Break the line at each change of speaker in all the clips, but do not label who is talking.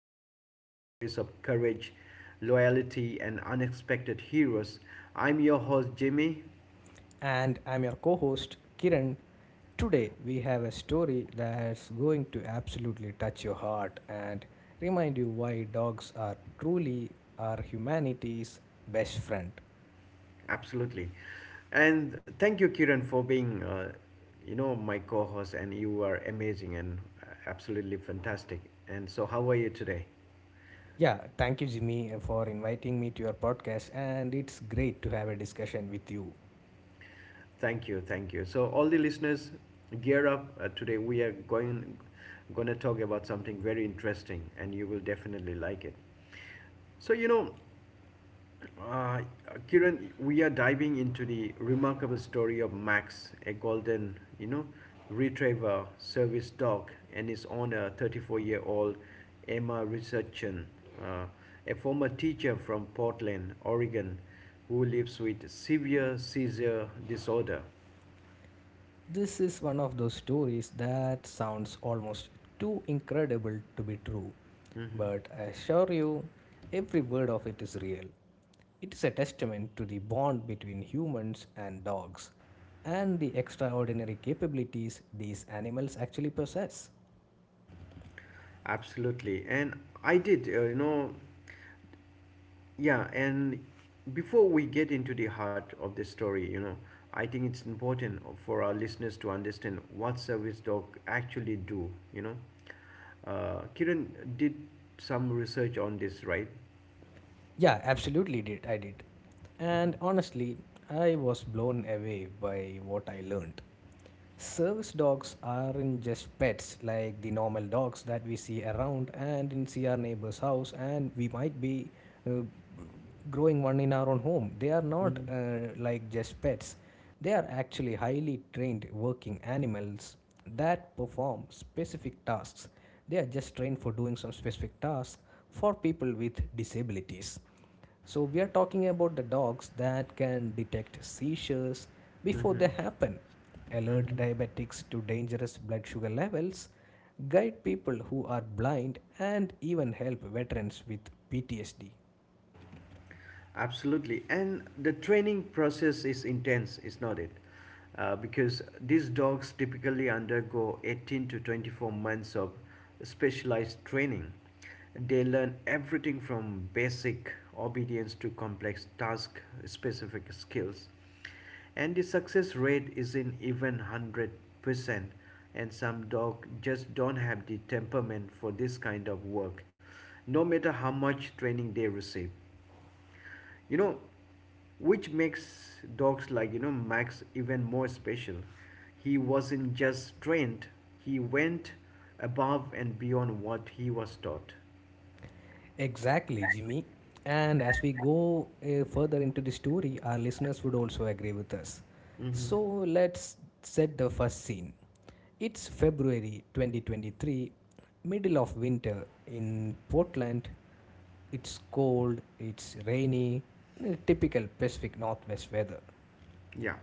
incredible stories of courage, loyalty, and unexpected heroes. I'm your host, Jimmy.
And I'm your co host, Kiran. Today, we have a story that's going to absolutely touch your heart and remind you why dogs are truly our humanity's best friend.
Absolutely. And thank you, Kiran, for being, my co-host. And you are amazing and absolutely fantastic. And so, how are you today?
Yeah, thank you, Jimmy, for inviting me to your podcast, and it's great to have a discussion with you.
Thank you, thank you. So all the listeners, gear up. Today we are going to talk about something very interesting, and you will definitely like it. So you know, uh, Kiran, we are diving into the remarkable story of Max, a golden, retriever service dog, and his owner, 34-year-old Emma Richardson, uh, a former teacher from Portland, Oregon, who lives with severe seizure disorder.
This is one of those stories that sounds almost too incredible to be true,
Mhm.
but I assure you, every word of it is real. It is a testament to the bond between humans and dogs and the extraordinary capabilities these animals actually possess.
Absolutely. And I did, you know, yeah. And before we get into the heart of the story, I think it's important for our listeners to understand what service dog actually do, you know. Kiran did some research on this, right?
Yeah, absolutely did. I did. And honestly, I was blown away by what I learned. Service dogs aren't just pets like the normal dogs that we see around and in see our neighbor's house and we might be uh, growing one in our own home. They are not like just pets, they are actually highly trained working animals that perform specific tasks. They are just trained for doing some specific tasks for people with disabilities. So, we are talking about the dogs that can detect seizures before they happen, alert diabetics to dangerous blood sugar levels, guide people who are blind, and even help veterans with PTSD.
Absolutely. And the training process is intense, is not it? Because these dogs typically undergo 18 to 24 months of specialized training. They learn everything from basic obedience to complex task specific skills. And the success rate isn't even 100%. And some dogs just don't have the temperament for this kind of work, no matter how much training they receive, you know which makes dogs like, Max even more special. He wasn't just trained, he went above and beyond what he was taught.
Exactly, Jimmy. And as we go further into the story, our listeners would also agree with us. So let's set the first scene. It's February 2023, middle of winter in Portland. It's cold, it's rainy, typical Pacific Northwest weather.
Yeah,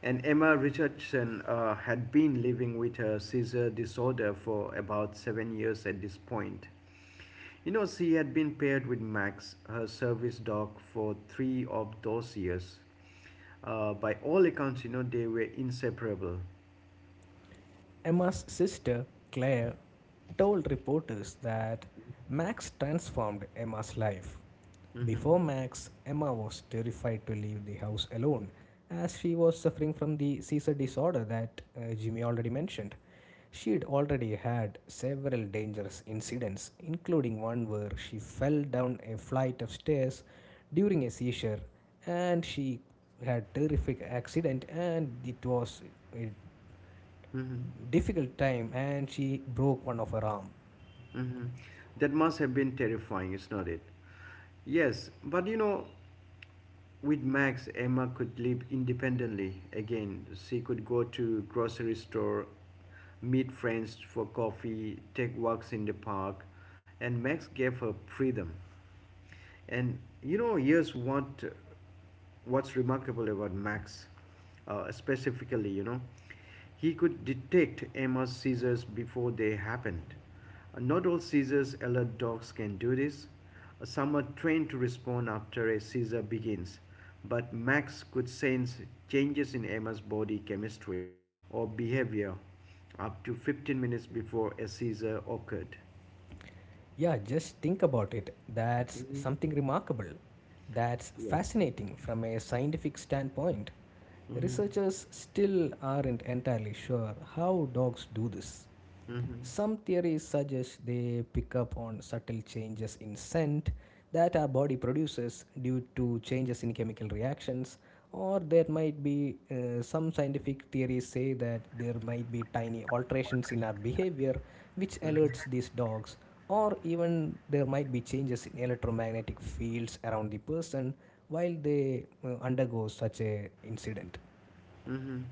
and Emma Richardson had been living with her seizure disorder for about 7 years at this point. You know, she had been paired with Max, her service dog, for three of those years. By all accounts, they were inseparable.
Emma's sister, Claire, told reporters that Max transformed Emma's life. Before Max, Emma was terrified to leave the house alone as she was suffering from the seizure disorder that Jimmy already mentioned. She had already had several dangerous incidents, including one where she fell down a flight of stairs during a seizure and she had a terrific accident and it was a
Mm-hmm.
difficult time and she broke one of her arm.
Hmm. That must have been terrifying, is not it? Yes, but with Max, Emma could live independently again. She could go to grocery store, meet friends for coffee, take walks in the park, and Max gave her freedom. And here's what's remarkable about Max, specifically, he could detect Emma's seizures before they happened. Not all seizures alert dogs can do this. Some are trained to respond after a seizure begins, but Max could sense changes in Emma's body chemistry or behavior up to 15 minutes before a seizure occurred.
Yeah, just think about it. That's
Mhm.
something remarkable. That's
Yes.
fascinating from a scientific standpoint. Researchers still aren't entirely sure how dogs do this.
Mm-hmm.
Some theories suggest they pick up on subtle changes in scent that our body produces due to changes in chemical reactions. Or there might be some scientific theories say that there might be tiny alterations in our behavior which alerts these dogs, or even there might be changes in electromagnetic fields around the person while they undergo such a incident.
Mhm.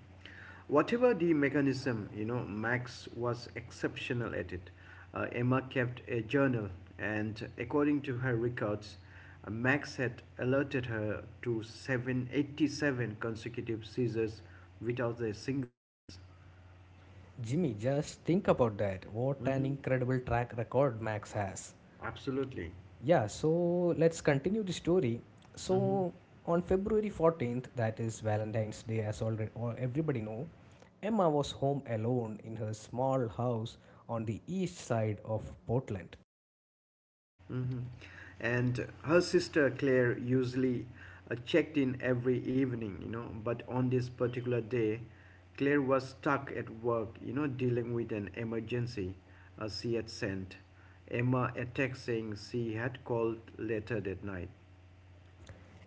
Whatever the mechanism, Max was exceptional at it. Emma kept a journal, and according to her records, Max had alerted her to 787 consecutive seizures without a single miss.
Jimmy, just think about that. What an
Hmm.
incredible track record Max has.
Absolutely.
Yeah, so let's continue the story.
Hmm.
So on February 14th, that is Valentine's Day, as already or everybody know, Emma was home alone in her small house on the east side of Portland.
Mhm. And her sister Claire usually checked in every evening, but on this particular day, Claire was stuck at work, dealing with an emergency she had sent. Emma a text saying she had called later that night.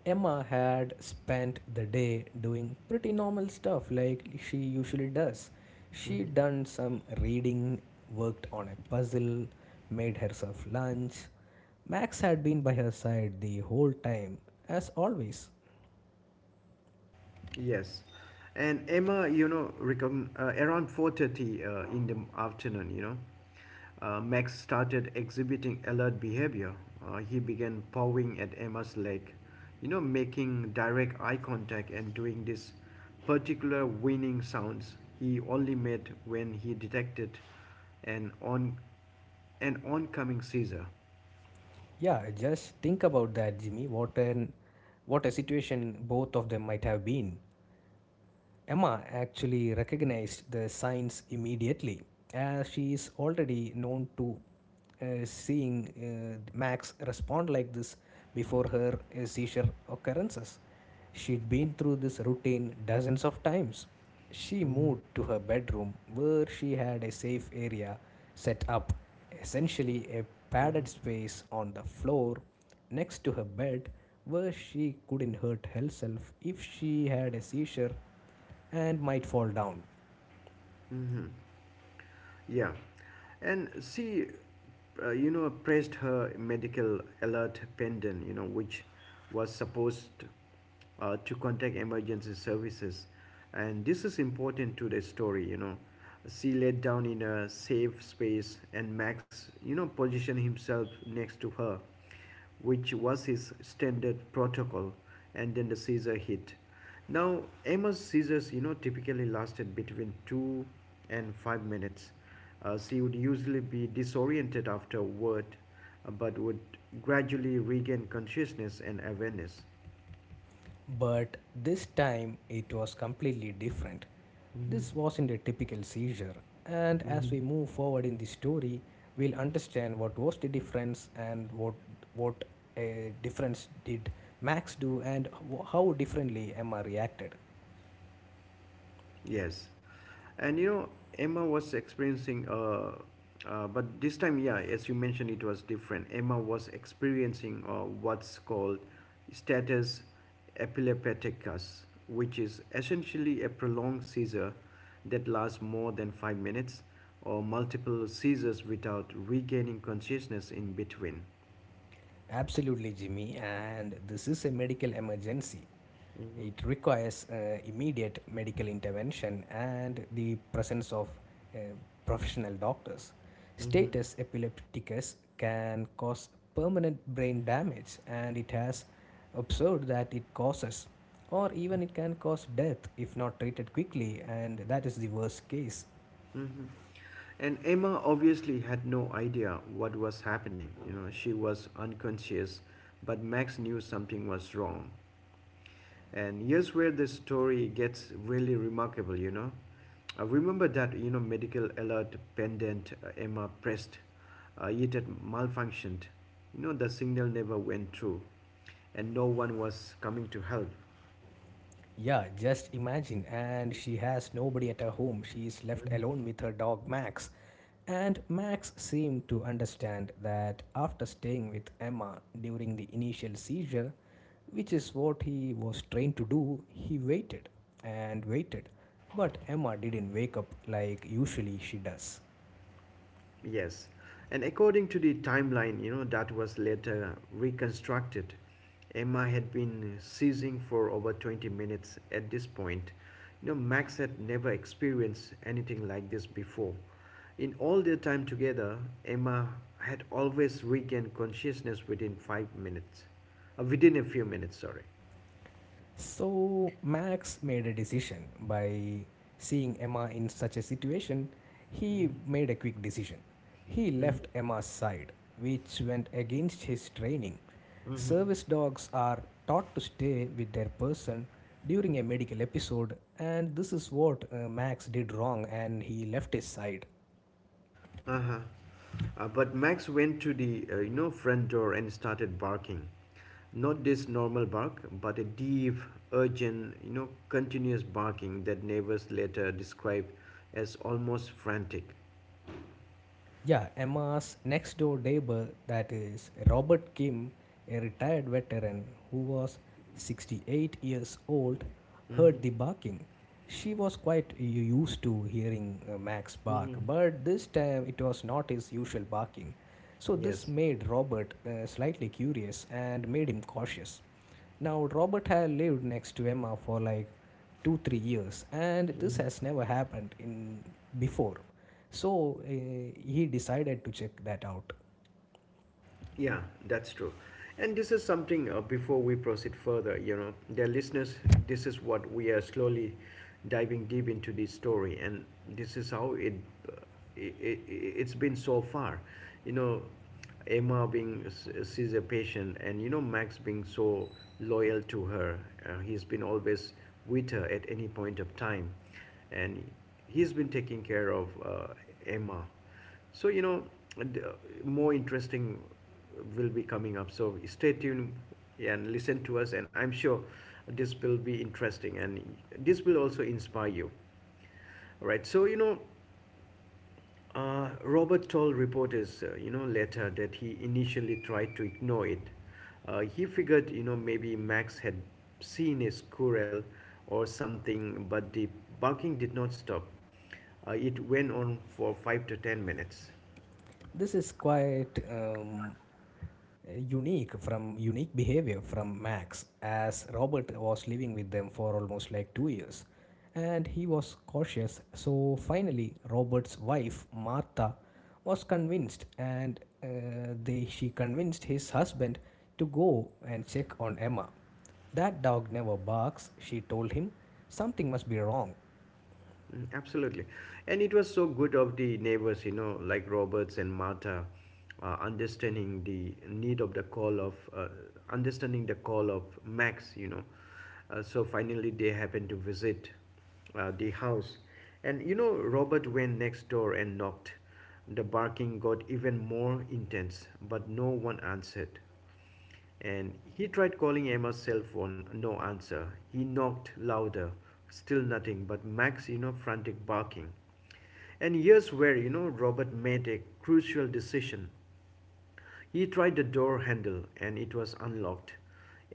Emma had spent the day doing pretty normal stuff like she usually does. She done some reading, worked on a puzzle, made herself lunch. Max had been by her side the whole time, as always.
Yes, and Emma, around 4:30 in the afternoon, Max started exhibiting alert behavior. He began pawing at Emma's leg, making direct eye contact and doing this particular whining sounds he only made when he detected an on an oncoming seizure.
Yeah, just think about that, Jimmy. What a situation both of them might have been. Emma actually recognized the signs immediately, as she is already known to seeing Max respond like this before her seizure occurrences. She'd been through this routine dozens of times. She moved to her bedroom where she had a safe area set up, essentially a padded space on the floor next to her bed where she couldn't hurt herself if she had a seizure and might fall down.
Yeah, and she, pressed her medical alert pendant, which was supposed to contact emergency services. And this is important to the story, you know. She laid down in a safe space, and Max, positioned himself next to her, which was his standard protocol, and then the Caesar hit. Now, Amos Caesars, typically lasted between 2 and 5 minutes. She would usually be disoriented afterward, but would gradually regain consciousness and awareness.
But this time it was completely different.
Mhm.
This wasn't a typical seizure, and as
Hmm.
we move forward in the story, we'll understand what was the difference and what a difference did Max do and how differently Emma reacted.
Yes. And Emma was experiencing, uh, but this time, yeah, as you mentioned, it was different. Emma was experiencing what's called status epilepticus, which is essentially a prolonged seizure that lasts more than 5 minutes or multiple seizures without regaining consciousness in between.
Absolutely, Jimmy, and this is a medical emergency. It requires immediate medical intervention and the presence of uh, professional doctors. Status epilepticus can cause permanent brain damage, and it has observed that it causes or even it can cause death if not treated quickly, and that is the worst case.
Mhm. And Emma obviously had no idea what was happening. You know, she was unconscious, but Max knew something was wrong. And here's where the story gets really remarkable, you know. I remember that, medical alert pendant Emma pressed, it had malfunctioned. You know, the signal never went through, and no one was coming to help.
Yeah, just imagine. And she has nobody at her home. She is left alone with her dog Max. And Max seemed to understand that after staying with Emma during the initial seizure, which is what he was trained to do, he waited and waited. But Emma didn't wake up like usually she does.
Yes, and according to the timeline, that was later reconstructed, Emma had been seizing for over 20 minutes at this point. You know, Max had never experienced anything like this before. In all their time together, Emma had always regained consciousness within 5 minutes, within a few minutes, sorry.
So Max made a decision by seeing Emma in such a situation. He made a quick decision. He
Mm-hmm.
left Emma's side, which went against his training.
Mm-hmm.
Service dogs are taught to stay with their person during a medical episode, and this is what Max did wrong, and he left his side.
Uh-huh. But Max went to the front door and started barking. Not this normal bark, but a deep, urgent, continuous barking that neighbors later described as almost frantic.
Yeah, Emma's next door neighbor, that is Robert Kim, a retired veteran who was 68 years old,
Mm-hmm.
heard the barking. She was quite used to hearing Max bark,
Mm-hmm.
but this time it was not his usual barking. So, this
Yes.
made Robert slightly curious and made him cautious. Now, Robert had lived next to Emma for like two, 3 years, and this has never happened in before. So he decided to check that out.
Yeah, that's true. And this is something before we proceed further, dear listeners, this is what we are slowly diving deep into this story, and this is how uh, it i it's been so far. You know, Emma being sees a patient, and Max being so loyal to her. He's been always with her at any point of time, and he's been taking care of Emma. so, you know, and, uh, More interesting will be coming up. So stay tuned and listen to us, and I'm sure this will be interesting and this will also inspire you. All right. Robert told reporters, later that he initially tried to ignore it. He figured, maybe Max had seen a squirrel or something, but the barking did not stop. It went on for 5 to 10 minutes.
This is quite unique from unique behavior from Max, as Robert was living with them for almost like 2 years, and he was cautious. So finally, Robert's wife Martha was convinced, and they she convinced his husband to go and check on Emma. That dog never barks, she told him. Something must be wrong.
Mm. Absolutely. And it was so good of the neighbors, like Roberts and Martha, understanding the need of the call of, understanding the call of Max, you know. So finally they happened to visit the house. And, Robert went next door and knocked. The barking got even more intense, but no one answered. And he tried calling Emma's cell phone, no answer. He knocked louder, still nothing but Max, frantic barking. And here's where, Robert made a crucial decision. He tried the door handle and it was unlocked.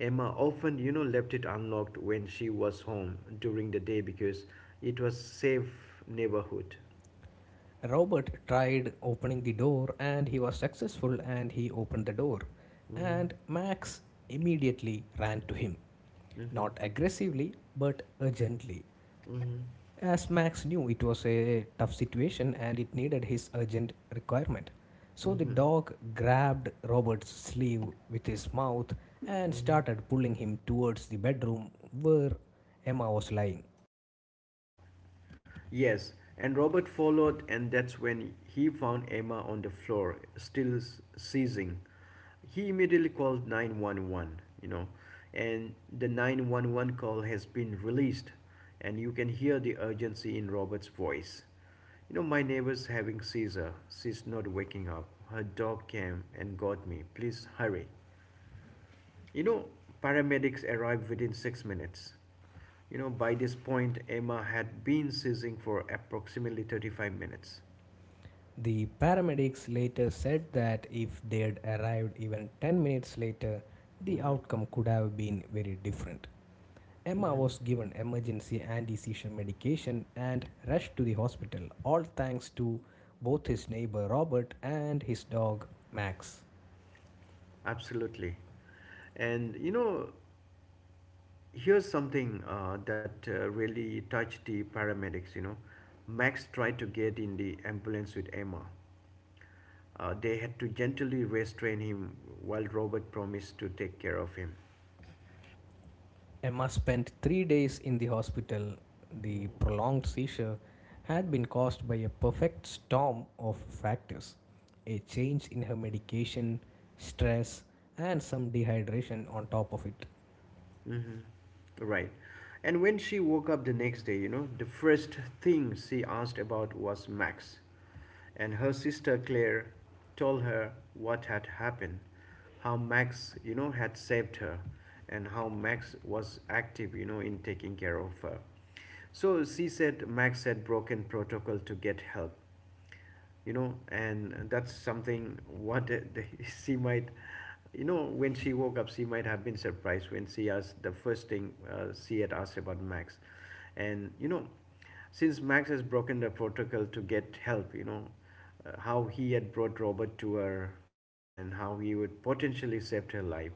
Emma often, left it unlocked when she was home during the day because it was safe neighborhood.
Robert tried opening the door and he was successful and he opened the door.
Mm-hmm.
And Max immediately ran to him,
Mm-hmm.
not aggressively but urgently.
Mm-hmm.
As Max knew it was a tough situation and it needed his urgent requirement. So the
Mm-hmm.
dog grabbed Robert's sleeve with his mouth and
Mm-hmm.
started pulling him towards the bedroom where Emma was lying.
Yes, and Robert followed, and that's when he found Emma on the floor, still seizing. He immediately called 911, and the 911 call has been released, and you can hear the urgency in Robert's voice. You know, my neighbor's having seizure. She's not waking up. Her dog came and got me. Please hurry. You know, paramedics arrived within 6 minutes. You know, by this point, Emma had been seizing for approximately 35 minutes.
The paramedics later said that if they'd arrived even 10 minutes later, the outcome could have been very different. Emma was given emergency anti seizure medication and rushed to the hospital, all thanks to both his neighbor Robert and his dog Max.
Absolutely. And, you know, here's something that really touched the paramedics, you know. Max tried to get in the ambulance with Emma. They had to gently restrain him while Robert promised to take care of him.
Emma spent 3 days in the hospital. The prolonged seizure had been caused by a perfect storm of factors a change in her medication, stress, and some dehydration on top of it.
Right. And when she woke up the next day, the first thing she asked about was Max. And her sister Claire told her what had happened, how Max, had saved her, and how Max was active, in taking care of her. So she said Max had broken protocol to get help. You know and that's something what the- She might, when she woke up, she might have been surprised when she asked the first thing she had asked about Max. And, since Max has broken the protocol to get help, how he had brought Robert to her, and how he would potentially saved her life.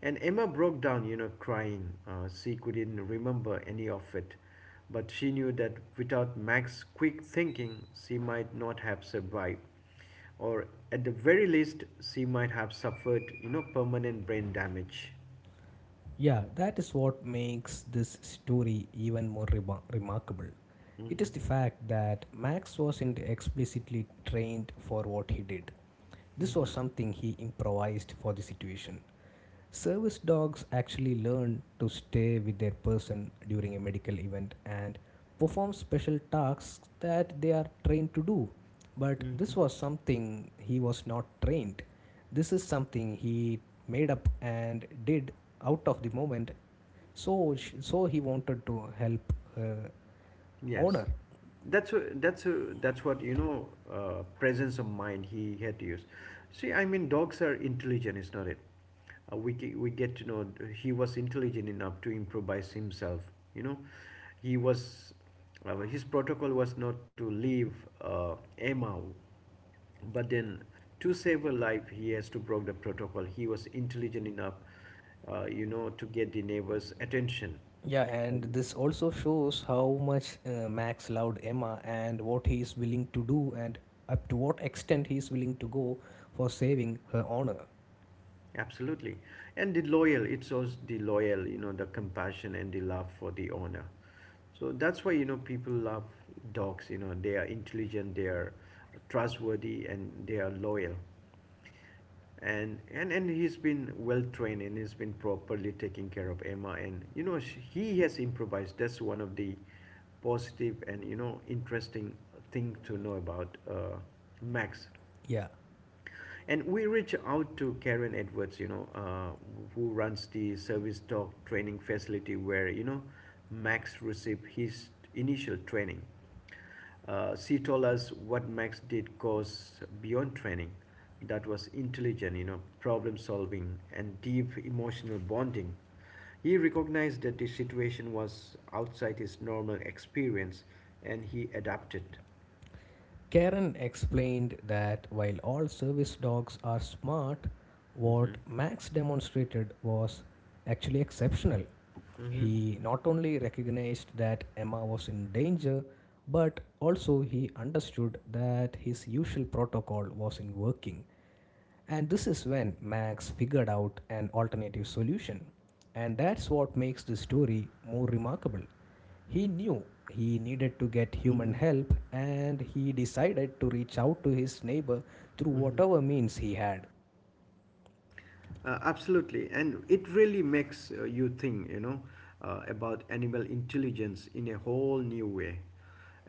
And Emma broke down, crying. She couldn't remember any of it, but she knew that without Max's quick thinking, she might not have survived, or at the very least, she might have suffered, permanent brain damage.
Yeah, that is what makes this story even more remarkable. It
Mhm.
is the fact that Max wasn't explicitly trained for what he did. This was
Mhm.
something he improvised for the situation. Service dogs actually learn to stay with their person during a medical event and perform special tasks that they are trained to do. But this
Mhm.
was something he was not trained. This is something he made up and did out of the moment. So, so he wanted to help her
Yes,
owner.
that's what, you know. Presence of mind he had to use. See, I mean, dogs are intelligent, is not it? We get to know he was intelligent enough to improvise himself. You know he was His protocol was not to leave Emma, but then to save a life he has to break the protocol. He was intelligent enough, to get the neighbors attention.
Yeah, and
um,
this also shows how much Max loved Emma and what he is willing to do and up to what extent he is willing to go for saving her honor.
Absolutely. And the loyal, it shows the loyal, the compassion and the love for the owner. So that's why, people love dogs. You know they are intelligent, they are trustworthy, and they are loyal. And he's been well trained and he's been properly taking care of Emma. And he has improvised. That's one of the positive and interesting thing to know about Max.
Yeah.
And we reach out to Karen Edwards, who runs the service dog training facility where, Max received his initial training. She told us what Max did goes beyond training. That was intelligent, problem solving and deep emotional bonding. He recognized that the situation was outside his normal experience and he adapted.
Karen explained that while all service dogs are smart,
Hmm.
what Max demonstrated was actually exceptional.
Hmm.
He not only recognized that Emma was in danger, but also he understood that his usual protocol wasn't working. And this is when Max figured out an alternative solution. And that's what makes the story more remarkable. He knew he needed to get human
Mhm.
help and he decided to reach out to his neighbor through whatever means he had.
Absolutely, and it really makes you think about animal intelligence in a whole new way.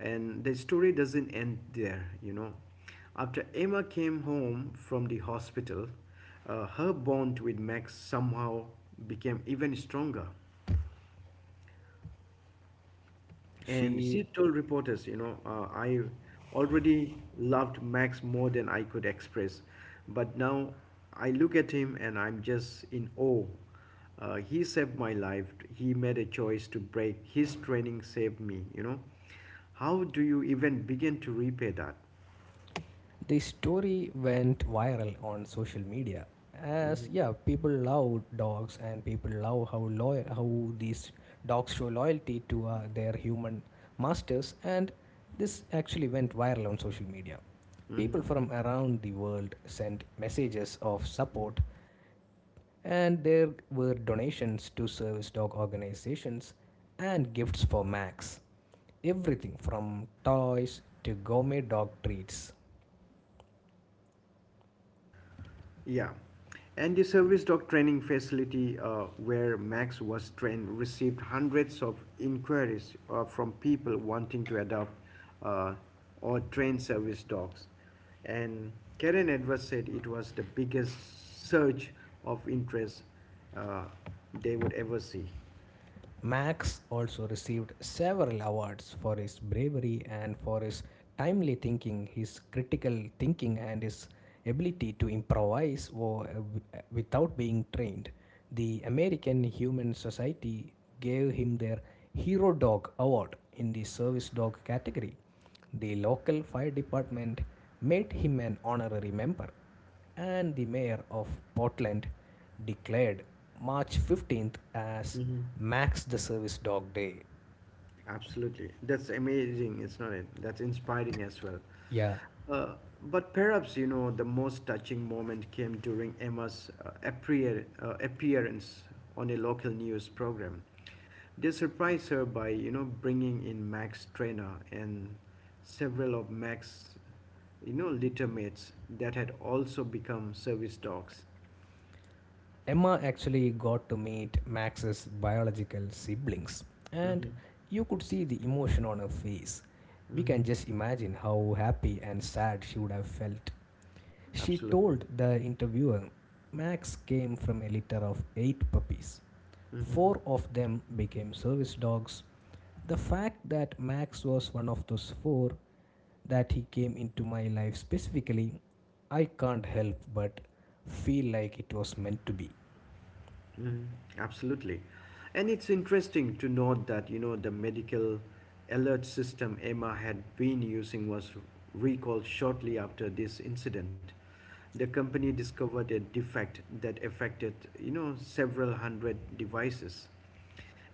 And the story doesn't end there. After Emma came home from the hospital, her bond with Max somehow became even stronger. And
She
she told reporters, I already loved Max more than I could express, but now I look at him and I'm just in awe. He saved my life. He made a choice to break. His training saved me. How do you even begin to repay that?
The story went viral on social media as
Mhm.
yeah, people love dogs and people love how loyal how these dogs show loyalty to their human masters and this actually went viral on social media. People from around the world sent messages of support and there were donations to service dog organizations and gifts for Max. Everything from toys to gourmet dog treats.
Yeah. And the service dog training facility where Max was trained received hundreds of inquiries from people wanting to adopt uh, or train service dogs. And Karen Edwards said it was the biggest surge of interest uh, they would ever see.
Max also received several awards for his bravery and for his timely thinking, his critical thinking, and his ability to improvise uh, without being trained. The American Humane Society gave him their Hero Dog Award in the Service Dog category. The local fire department made him an honorary member, and the mayor of Portland declared March 15th as
Hmm.
Max the Service Dog Day.
Absolutely. That's amazing, it's not it? That's inspiring as well.
Yeah,
Uh, but perhaps the most touching moment came during Emma's appearance on a local news program. They surprised her by bringing in Max Trainer and several of Max's litter mates that had also become service dogs.
Emma actually got to meet Max's biological siblings,
Mm-hmm.
and you could see the emotion on her face. We
Mm-hmm.
can just imagine how happy and sad she would have felt. She
Absolutely.
told the interviewer Max came from a litter of 8 puppies.
Mm-hmm.
Four of them became service dogs. The fact that Max was one of those four, that he came into my life specifically, I can't help but feel like it was meant to be.
Mhm. Absolutely. And it's interesting to note that, the medical alert system Emma had been using was recalled shortly after this incident. The company discovered a defect that affected, several hundred devices.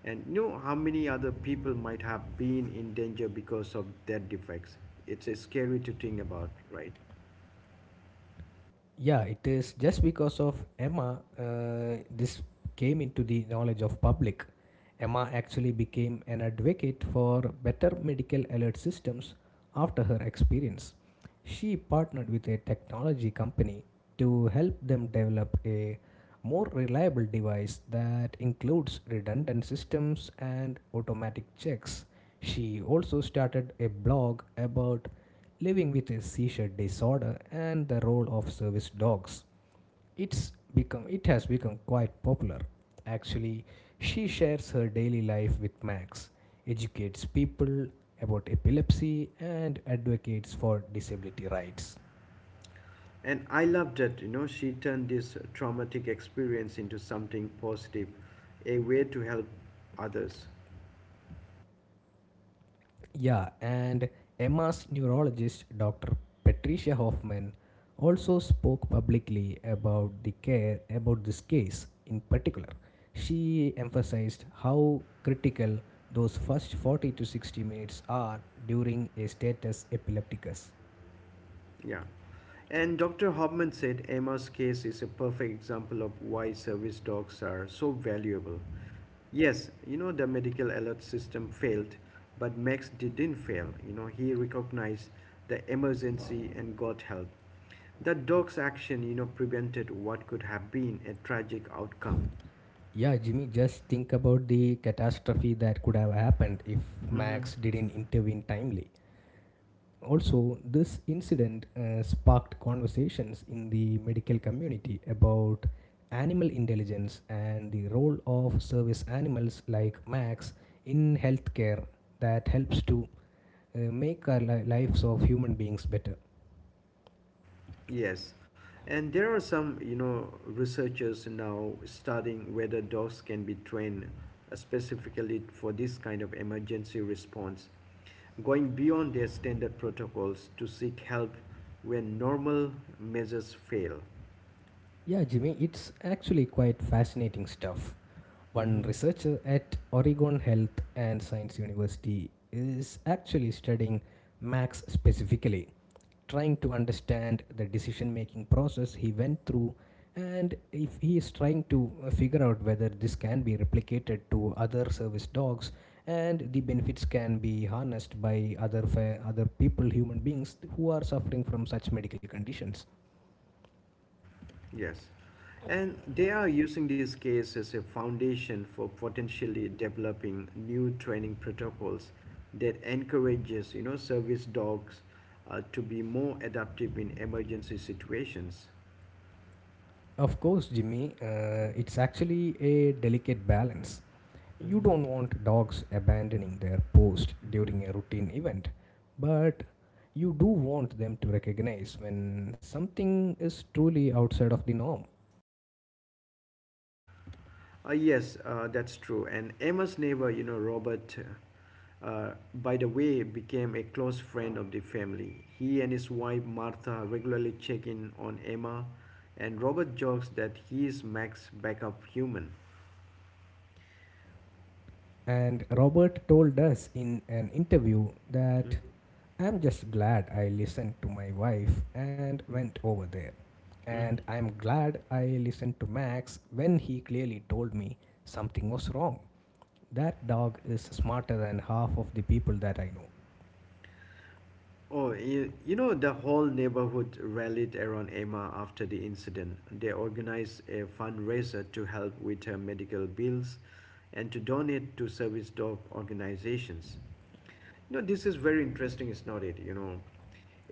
And how many other people might have been in danger because of that defects. It's scary to think about, right?
Yeah, it is just because of Emma, this came into the knowledge of public. Emma actually became an advocate for better medical alert systems after her experience. She partnered with a technology company to help them develop a more reliable device that includes redundant systems and automatic checks. She also started a blog about living with a seizure disorder and the role of service dogs. It has become quite popular. Actually, she shares her daily life with Max, educates people about epilepsy and advocates for disability rights.
And I loved it. She turned this traumatic experience into something positive, a way to help others.
Yeah, and Emma's neurologist, Dr. Patricia Hoffman, also spoke publicly about the care about this case in particular. She emphasized how critical those first 40 to 60 minutes are during a status epilepticus.
Yeah. And Dr. Hoffman said Emma's case is a perfect example of why service dogs are so valuable. Yes, the medical alert system failed, but Max didn't fail. He recognized the emergency and got help. The dog's action, prevented what could have been a tragic outcome.
Yeah, Jimmy, just think about the catastrophe that could have happened if
Mm-hmm.
Max didn't intervene timely. Also, this incident sparked conversations in the medical community about animal intelligence and the role of service animals like Max in healthcare that helps to make our lives of human beings better.
Yes, and there are some, researchers now studying whether dogs can be trained specifically for this kind of emergency response, going beyond their standard protocols to seek help when normal measures fail.
Yeah, Jimmy, it's actually quite fascinating stuff. One
Mm-hmm.
researcher at Oregon Health and Science University is actually studying Max specifically, trying to understand the decision making process he went through, and if he is trying to figure out whether this can be replicated to other service dogs and the benefits can be harnessed by other people human beings who are suffering from such medical conditions.
Yes. And they are using this case as a foundation for potentially developing new training protocols that encourages, service dogs to be more adaptive in emergency situations.
Of course, Jimmy, it's actually a delicate balance. You
Mhm.
don't want dogs abandoning their post during a routine event, but you do want them to recognize when something is truly outside of the norm.
Yes, that's true. And Emma's neighbor, Robert, by the way, became a close friend of the family. He and his wife Martha regularly check in on Emma, and Robert jokes that he is Mac's backup human.
And Robert told us in an interview that I'm just glad I listened to my wife and went over there. And
Mhm.
I'm glad I listened to Max when he clearly told me something was wrong. That dog is smarter than half of the people that I know.
Oh, the whole neighborhood rallied around Emma after the incident. They organized a fundraiser to help with her medical bills and to donate to service dog organizations. No, this is very interesting. It's not it,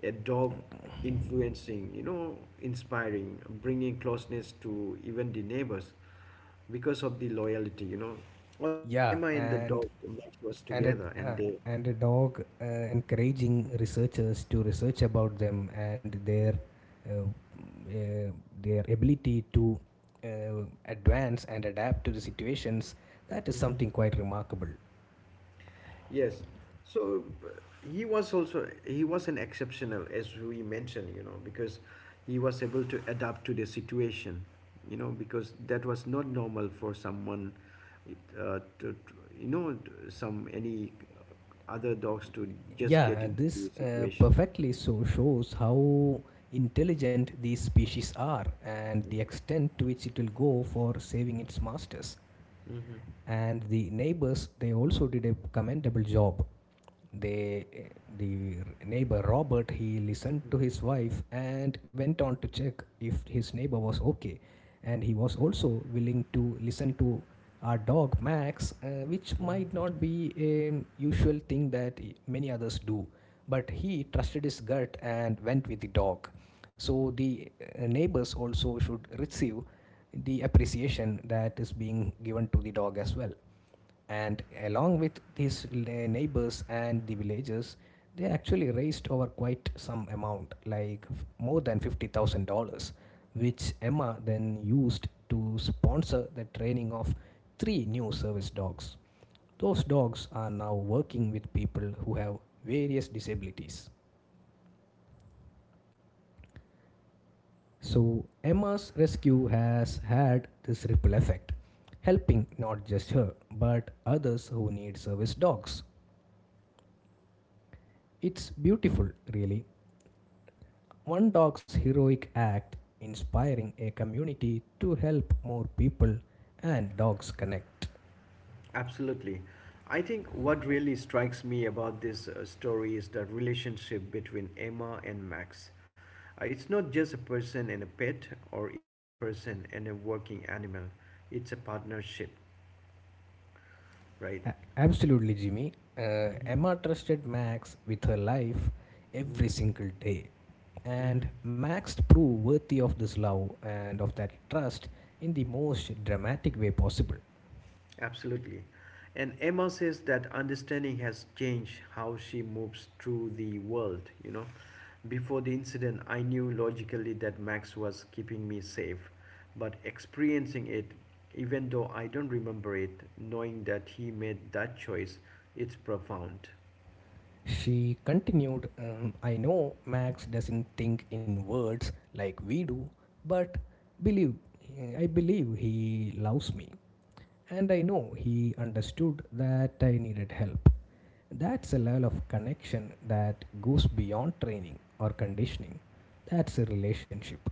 a dog influencing, inspiring, bringing closeness to even the neighbors because of the loyalty. Only Emma
Yeah,
and the dog match was
and a,
together, and
uh,
they.
and a dog encouraging researchers to research about them and uh, uh, their ability to advance and adapt to the situations that is
Mm,
something quite remarkable.
yes. So he was an exceptional, as we mentioned, because he was able to adapt to the situation, because that was not normal for someone, to you know, to- some any other dogs to just
Yeah,
get into the
this
situation.
perfectly so shows how intelligent these species are and the extent to which it will go for saving its masters.
Mm-hmm.
And the neighbors, they also did a commendable job. They, the neighbor Robert, he listened to his wife and went on to check if his neighbor was okay. And he was also willing to listen to our dog Max, which might not be a usual thing that many others do. But he trusted his gut and went with the dog. So the neighbors also should receive the appreciation that is being given to the dog as well, and along with these neighbors and the villagers, they actually raised over quite some amount, like more than $50,000, which emma then used to sponsor the training of three new service dogs. Those dogs are now working with people who have various disabilities. So emma's rescue has had this ripple effect, helping not just her but others who need service dogs. It's beautiful, really. One dog's heroic act inspiring a community to help more people and dogs connect.
Absolutely. I think what really strikes me about this story is the relationship between Emma and Max. It's not just a person and a pet or even a person and a working animal. It's a partnership, right?
Absolutely, Jimmy.
Mhm,
Emma trusted Max with her life
mhm,
every single day,
mhm.
and Max proved worthy of this love and of that trust in the most dramatic way possible.
Absolutely. And Emma says that understanding has changed how she moves through the world. Before the incident, I knew logically that Max was keeping me safe, but experiencing it, even though I don't remember it, knowing that he made that choice, it's profound.
She continued, I know Max doesn't think in words like we do, but believe I believe he loves me. And I know he understood that I needed help. That's a level of connection that goes beyond training or conditioning. That's a relationship.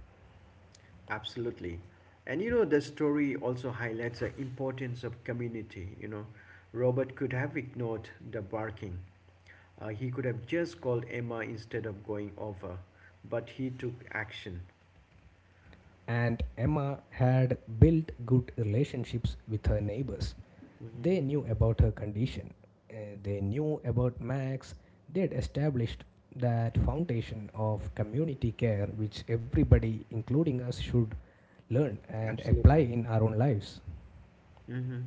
Absolutely. And the story also highlights the importance of community. Robert could have ignored the barking. He could have just called Emma instead of going over, but he took action.
And Emma had built good relationships with her neighbors. They knew about her condition. Uh, they knew about Max. They'd established that foundation of community care which everybody, including us, should learn and apply
Absolutely.
in our own lives.
Hmm.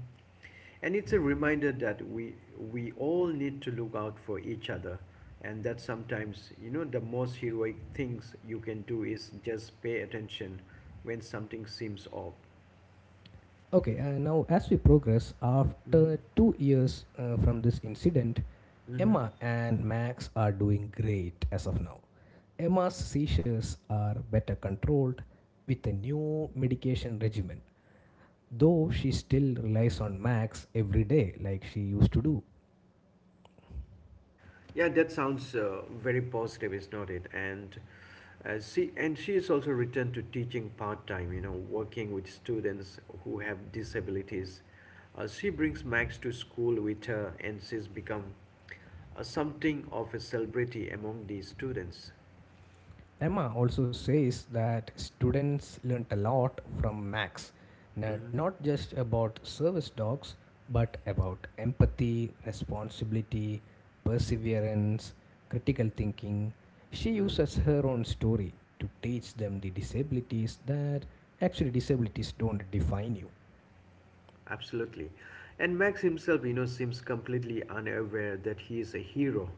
And it's a reminder that we all need to look out for each other, and that sometimes the most heroic things you can do is just pay attention when something seems off.
Okay, now as we progress, after
Hmm.
2 years from this incident,
Hmm.
Emma and Max are doing great as of now. Emma's seizures are better controlled with a new medication regimen, though she still relies on Max every day like she used to do.
Yeah, that sounds very positive, is not it? And see, and she is also returned to teaching part time. Working with students who have disabilities. She brings Max to school with her, and she's become something of a celebrity among these students.
Emma also says that students learnt a lot from Max,
Hmm.
not just about service dogs, but about empathy, responsibility, perseverance, critical thinking. She
Hmm.
uses her own story to teach them the disabilities that actually disabilities don't define you.
Absolutely. And Max himself, seems completely unaware that he is a hero.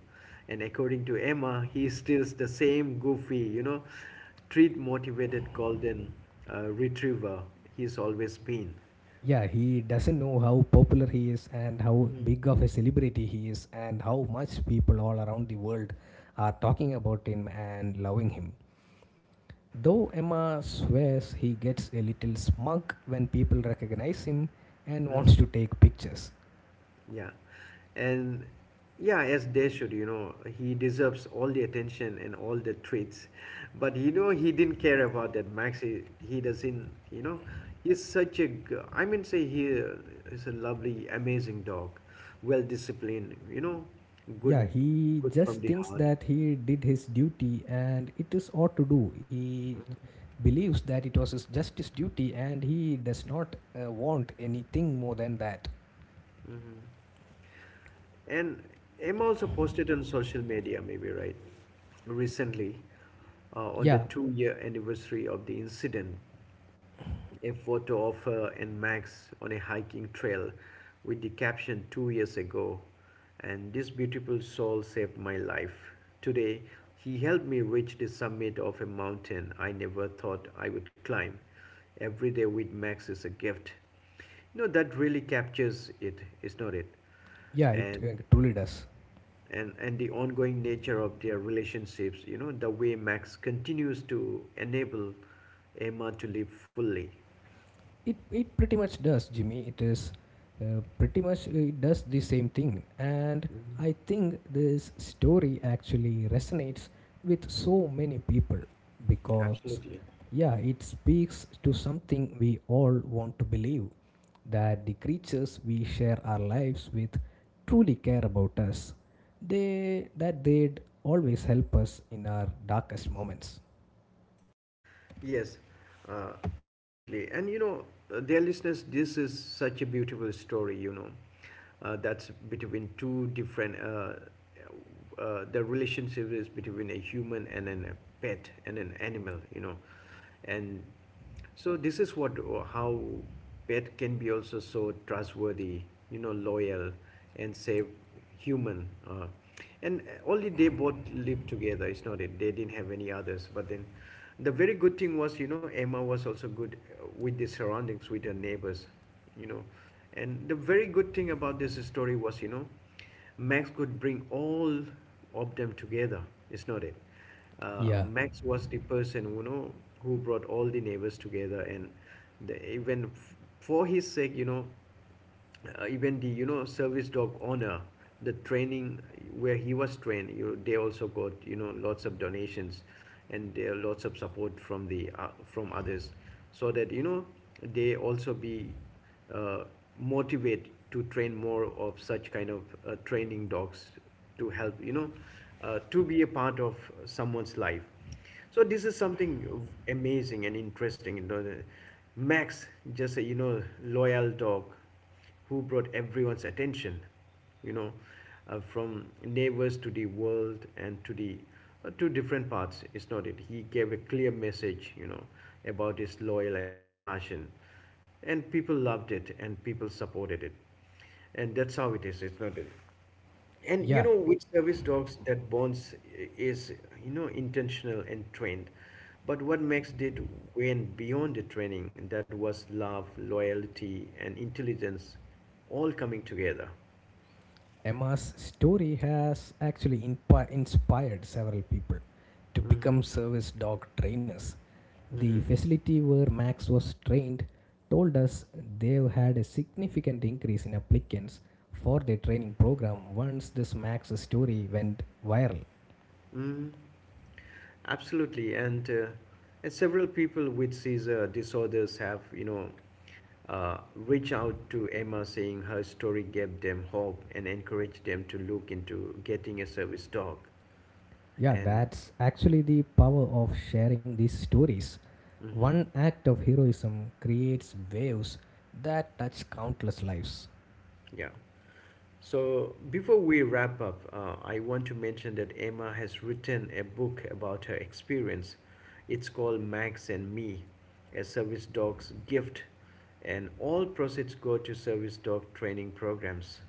And according to Emma, he is still the same goofy, treat motivated golden retriever he's always been.
Yeah, he doesn't know how popular he is and how
Mm-hmm.
big of a celebrity he is and how much people all around the world are talking about him and loving him. Though Emma swears he gets a little smug when people recognize him and wants
Hmm.
to take pictures.
Yeah. And yeah, as they should, he deserves all the attention and all the treats. But he didn't care about that. Max, he doesn't, he's such a, I mean, say he is a lovely, amazing dog, well disciplined,
Yeah,
good,
he
good from
just
the
thinks
heart.
that he did his duty and it is ought to do. He believes that it was his just his duty and he does not want anything more than that.
Mhm. And Emma also posted on social media, maybe right, recently, on the
Yeah,
2-year anniversary of the incident. A photo of her and Max on a hiking trail with the caption 2 years ago, and this beautiful soul saved my life. Today, he helped me reach the summit of a mountain I never thought I would climb. Every day with Max is a gift. That really captures it, is not it?
yeah, it
And
truly does.
the ongoing nature of their relationships, the way Max continues to enable Emma to live fully.
It pretty much does, Jimmy. It is pretty much it does the same thing, and I
Mm-hmm.
think this story actually resonates with so many people because,
Absolutely.
yeah, it speaks to something we all want to believe that the creatures we share our lives with truly care about us. They that they'd always help us in our darkest moments.
Yes, absolutely. And dear listeners, this is such a beautiful story, that's between two different, the relationship is between a human and a pet and an animal. And so this is what, how pet can be also so trustworthy, loyal and save human. And only they both lived together. It's not it. They didn't have any others. But then, the very good thing was, Emma was also good with the surroundings, with her neighbors, you know. And the very good thing about this story was, Max could bring all of them together, it's not it?
Yeah.
Max was the person who brought all the neighbors together, and for his sake, even the service dog owner, the training where he was trained, you they also got lots of donations, and there are lots of support from the from others, so that they also be uh, motivate to train more of such kind of training dogs to help to be a part of someone's life. So this is something amazing and interesting Max, just a loyal dog who brought everyone's attention, you know, from neighbors to the world and to different parts. It's not it. He gave a clear message, about his loyal and compassion, and people loved it and people supported it, and that's how it is. It's not it. And
Yeah,
which service dogs that bonds is intentional and trained, but what makes it went beyond the training that was love, loyalty, and intelligence, all coming together.
Emma's story has actually inspired several people to
Mhm,
become service dog trainers. The
mhm,
facility where Max was trained told us they've had a significant increase in applicants for their training program once this Max story went viral.
mhm. Absolutely, and several people with seizure disorders have reach out to Emma saying her story gave them hope and encouraged them to look into getting a service dog,
Yeah,
and.
that's actually the power of sharing these stories.
Mhm.
One act of heroism creates waves that touch countless lives.
Yeah. So before we wrap up, I want to mention that Emma has written a book about her experience. It's called Max and Me, a service dog's gift, and all proceeds go to service dog training programs.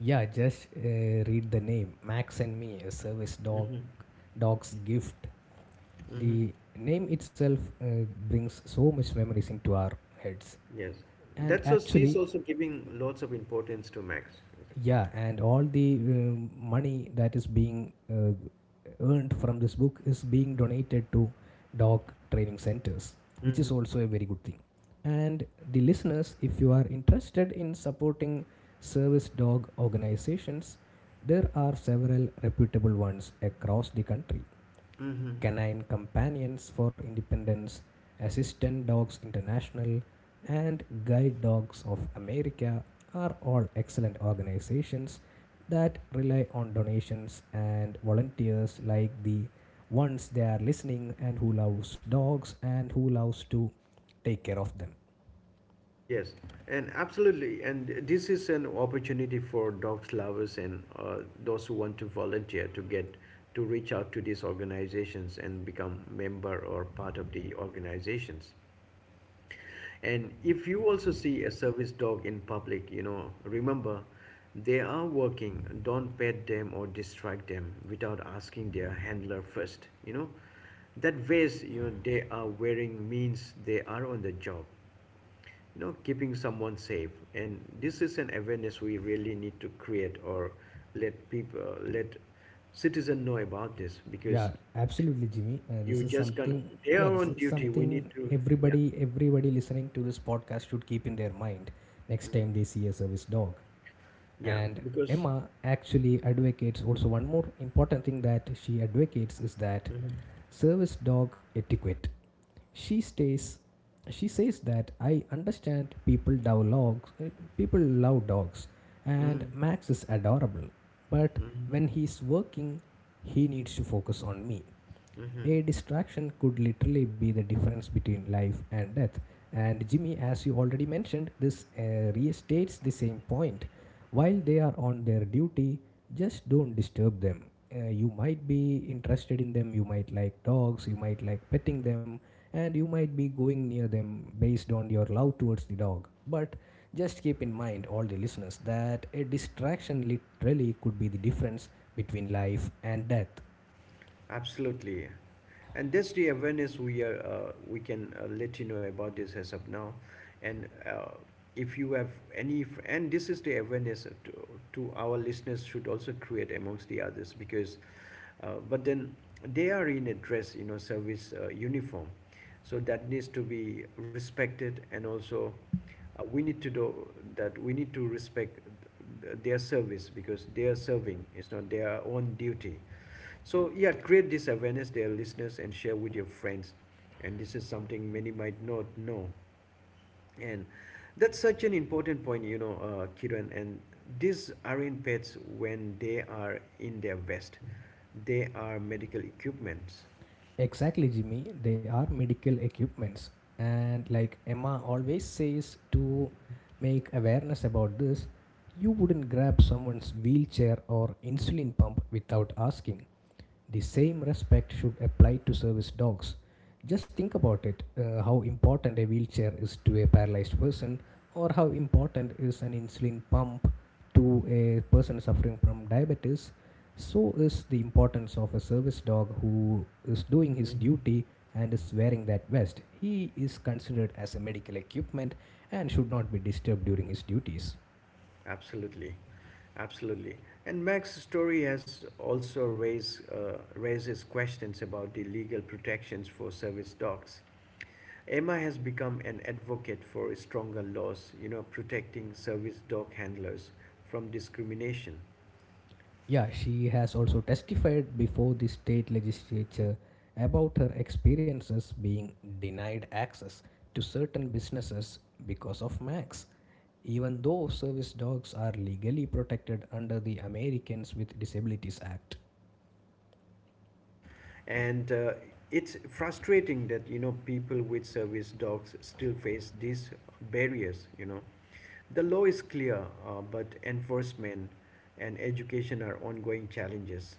Yeah, just read the name. Max and Me, a service dog,
Mm-hmm.
dog's gift.
Mm-hmm.
The name itself brings so much memories into our heads.
Yes.
And
That's so she's
actually,
also giving lots of importance to Max.
yeah, and all the money that is being earned from this book is being donated to dog training centers, which is
Mm-hmm.
also a very good thing. And the listeners, if you are interested in supporting service dog organizations, there are several reputable ones across the country.
Mm-hmm.
Canine Companions for Independence, Assistant Dogs International, and Guide Dogs of America are all excellent organizations that rely on donations and volunteers like the ones they are listening and who loves dogs and who loves to take care of them.
Yes, and absolutely, and this is an opportunity for dogs lovers and those who want to volunteer to reach out to these organizations and become member or part of the organizations. And if you also see a service dog in public, remember they are working. Don't pet them or distract them without asking their handler first. You know, that vest you know they are wearing means they are on the job, you know, keeping someone safe. And this is an awareness we really need to create. Or let people, let citizen know about this because
Yeah, absolutely, Jimmy.
you
This is
just can not,
something.
they
Yeah,
are
this
on
is
duty, we
something
need to. Yeah.
everybody listening to this podcast should keep in their mind next
Mhm.
time they see a service dog.
Yeah,
And
because
Emma actually advocates also one more important thing that she advocates is that
Mhm.
service dog etiquette. She stays she says that I understand people love dogs, people love dogs, and
Mhm.
Max is adorable, but
Mhm.
when he's working, he needs to focus on me.
Mhm.
A distraction could literally be the difference between life and death. And Jimmy, as you already mentioned, this restates the same point. While they are on their duty, just don't disturb them. You might be interested in them, you might like dogs, you might like petting them, and you might be going near them based on your love towards the dog. But just keep in mind, all the listeners, that a distraction literally could be the difference between life and death.
Absolutely. And that's the awareness we are we can let you know about this as of now. And if you have any, and this is the awareness to our listeners should also create amongst the others because, but then they are in a dress, you know, service uniform. So that needs to be respected. And also we need to do that, we need to respect their service because they are serving. It's not their own duty. So yeah, create this awareness, dear listeners, and share with your friends. And this is something many might not know, and that's such an important point, you know, Kiran. And these aren't pets when they are in their vest; they are medical equipments.
Exactly, Jimmy. They are medical equipments. And like Emma always says to make awareness about this, you wouldn't grab someone's wheelchair or insulin pump without asking. The same respect should apply to service dogs. Just think about it, how important a wheelchair is to a paralyzed person, or how important is an insulin pump to a person suffering from diabetes. So is the importance of a service dog who is doing his
Mhm.
duty and is wearing that vest. He is considered as a medical equipment and should not be disturbed during his duties.
Absolutely, absolutely. And Mac's story has also raised raises questions about the legal protections for service dogs. Emma has become an advocate for stronger laws, you know, protecting service dog handlers from discrimination.
Yeah, she has also testified before the state legislature about her experiences being denied access to certain businesses because of Max, even though service dogs are legally protected under the Americans with Disabilities Act.
And it's frustrating that, you know, people with service dogs still face these barriers, you know. The law is clear, but enforcement and education are ongoing challenges.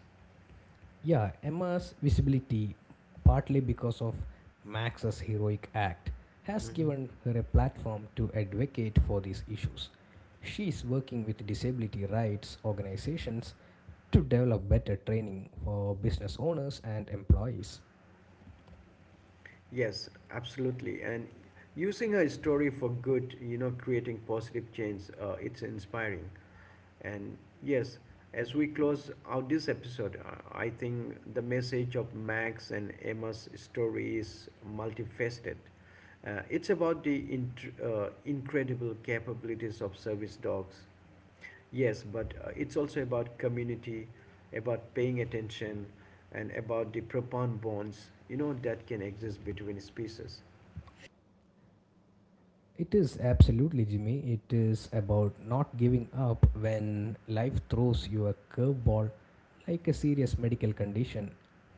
Yeah, Emma's visibility, partly because of Max's heroic act, has
Mhm.
given her a platform to advocate for these issues. She is working with disability rights organizations to develop better training for business owners and employees.
Yes, absolutely. And using her story for good, you know, creating positive change, it's inspiring. And yes, as we close out this episode, I think the message of Max and Emma's story is multifaceted. It's about the incredible capabilities of service dogs, yes, but it's also about community, about paying attention, and about the profound bonds you know that can exist between species.
It is absolutely, Jimmy. It is about not giving up when life throws you a curveball like a serious medical condition.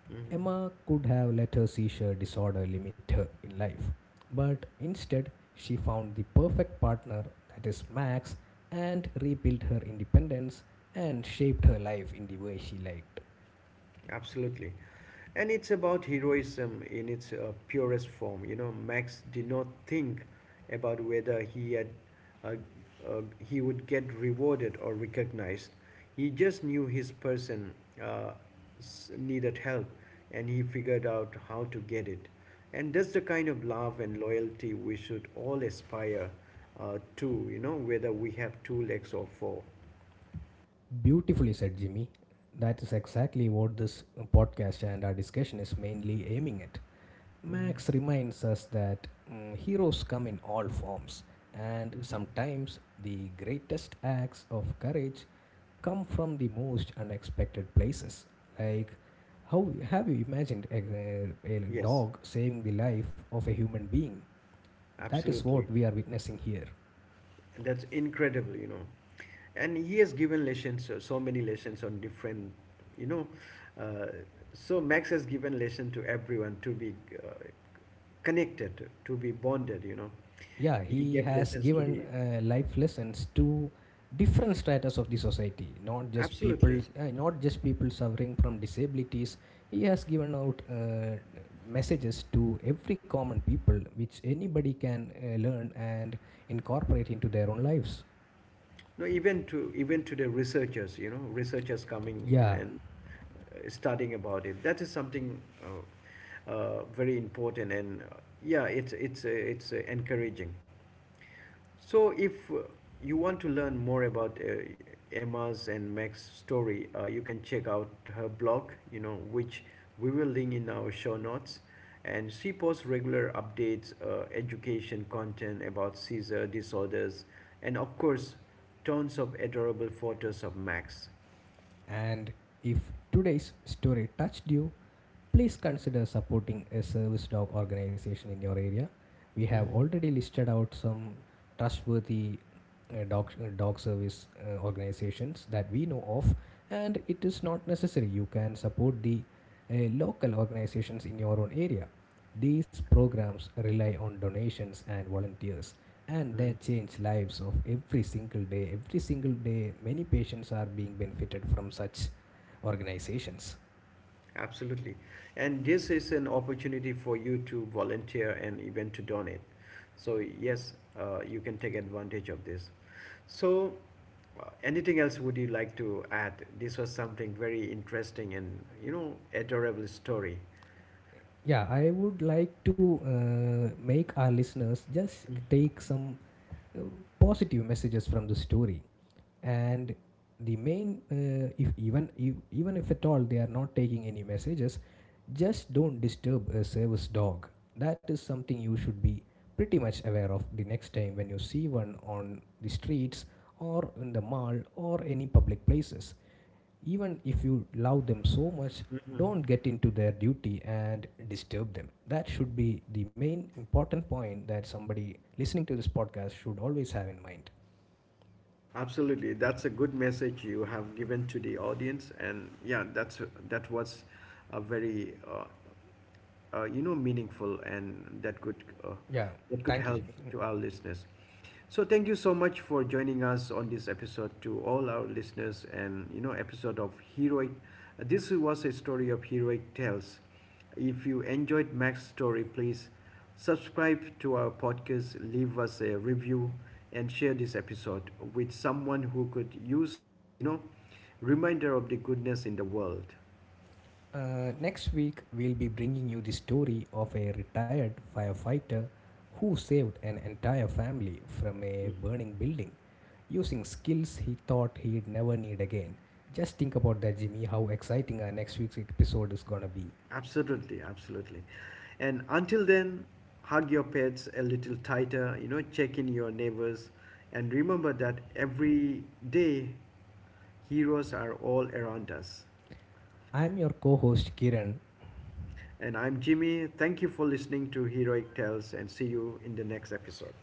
Mhm.
Emma could have let her seizure disorder limit her in life, but instead, she found the perfect partner that is Max, and rebuilt her independence and shaped her life in the way she liked.
Absolutely. And it's about heroism in its purest form. You know, Max did not think about whether uh, he would get rewarded or recognized. He just knew his person uh, needed help and he figured out how to get it. And that's the kind of love and loyalty we should all aspire to, you know, whether we have two legs or 4.
Beautifully said, Jimmy. That is exactly what this podcast and our discussion is mainly aiming at. Max
Mhm.
reminds us that heroes come in all forms, and sometimes the greatest acts of courage come from the most unexpected places. Like, how have you imagined a
Yes,
dog saving the life of a human being? That is what
absolutely.
we are witnessing here.
And that's incredible, you know. And he has given lessons, so, so many lessons on different, you know, uh, so Max has given lesson to everyone to be, uh, connected, to be bonded, you know.
Yeah,
He
he
gave
has
lessons to the
given life lessons to different stratas of the society, not just people,
absolutely,
not just people suffering from disabilities. He has given out messages to every common people which anybody can learn and incorporate into their own lives.
no, even to, even to the researchers, you know, researchers coming
Yeah,
and studying about it. That is something very important. And yeah, it's encouraging. So, if you want to learn more about Emma's and Mac's story, you can check out her blog, you know, which we will link in our show notes. And she posts regular updates, education content about seizure disorders, and of course, tons of adorable photos of Max.
and if today's story touched you, please consider supporting a service dog organization in your area. We have
Mhm.
already listed out some trustworthy dog service organizations that we know of, and it is not necessary. You can support the uh, local organizations in your own area. These programs rely on donations and volunteers, and they
Mm,
change lives of every single day. Every single day, many patients are being benefited from such organizations.
absolutely. And this is an opportunity for you to volunteer and even to donate. So, yes, you can take advantage of this. So, anything else would you like to add? This was something very interesting and, you know, adorable story.
Yeah, I would like to make our listeners just take some uh, positive messages from the story. And the main, if even if, even if at all they are not taking any messages, just don't disturb a service dog. That is something you should be pretty much aware of the next time when you see one on the streets or in the mall or any public places. Even if you love them so much,
Mhm.
don't get into their duty and disturb them. That should be the main important point that somebody listening to this podcast should always have in mind.
Absolutely. That's a good message you have given to the audience. And yeah, that's, that was a very you know meaningful, and uh,
Yeah,
that could
thank you,
help
Jimmy. Mm.
to our listeners. So thank you so much for joining us on this episode, to all our listeners. And you know, episode of heroic, this was a story of heroic tales. If you enjoyed Mac's story, please subscribe to our podcast, leave us a review, and share this episode with someone who could use a, you know, reminder of the goodness in the world.
Next week, we'll be bringing you the story of a retired firefighter who saved an entire family from a
Hmm.
burning building using skills he thought he'd never need again. Just think about that, Jimmy, how exciting our next week's episode is gonna be.
Absolutely, absolutely. And until then, hug your pets a little tighter, you know, check in your neighbors, and remember that every day heroes are all around us.
I'm your co host Kiran,
And I'm Jimmy. Thank you for listening to Heroic Tales, and see you in the next episode.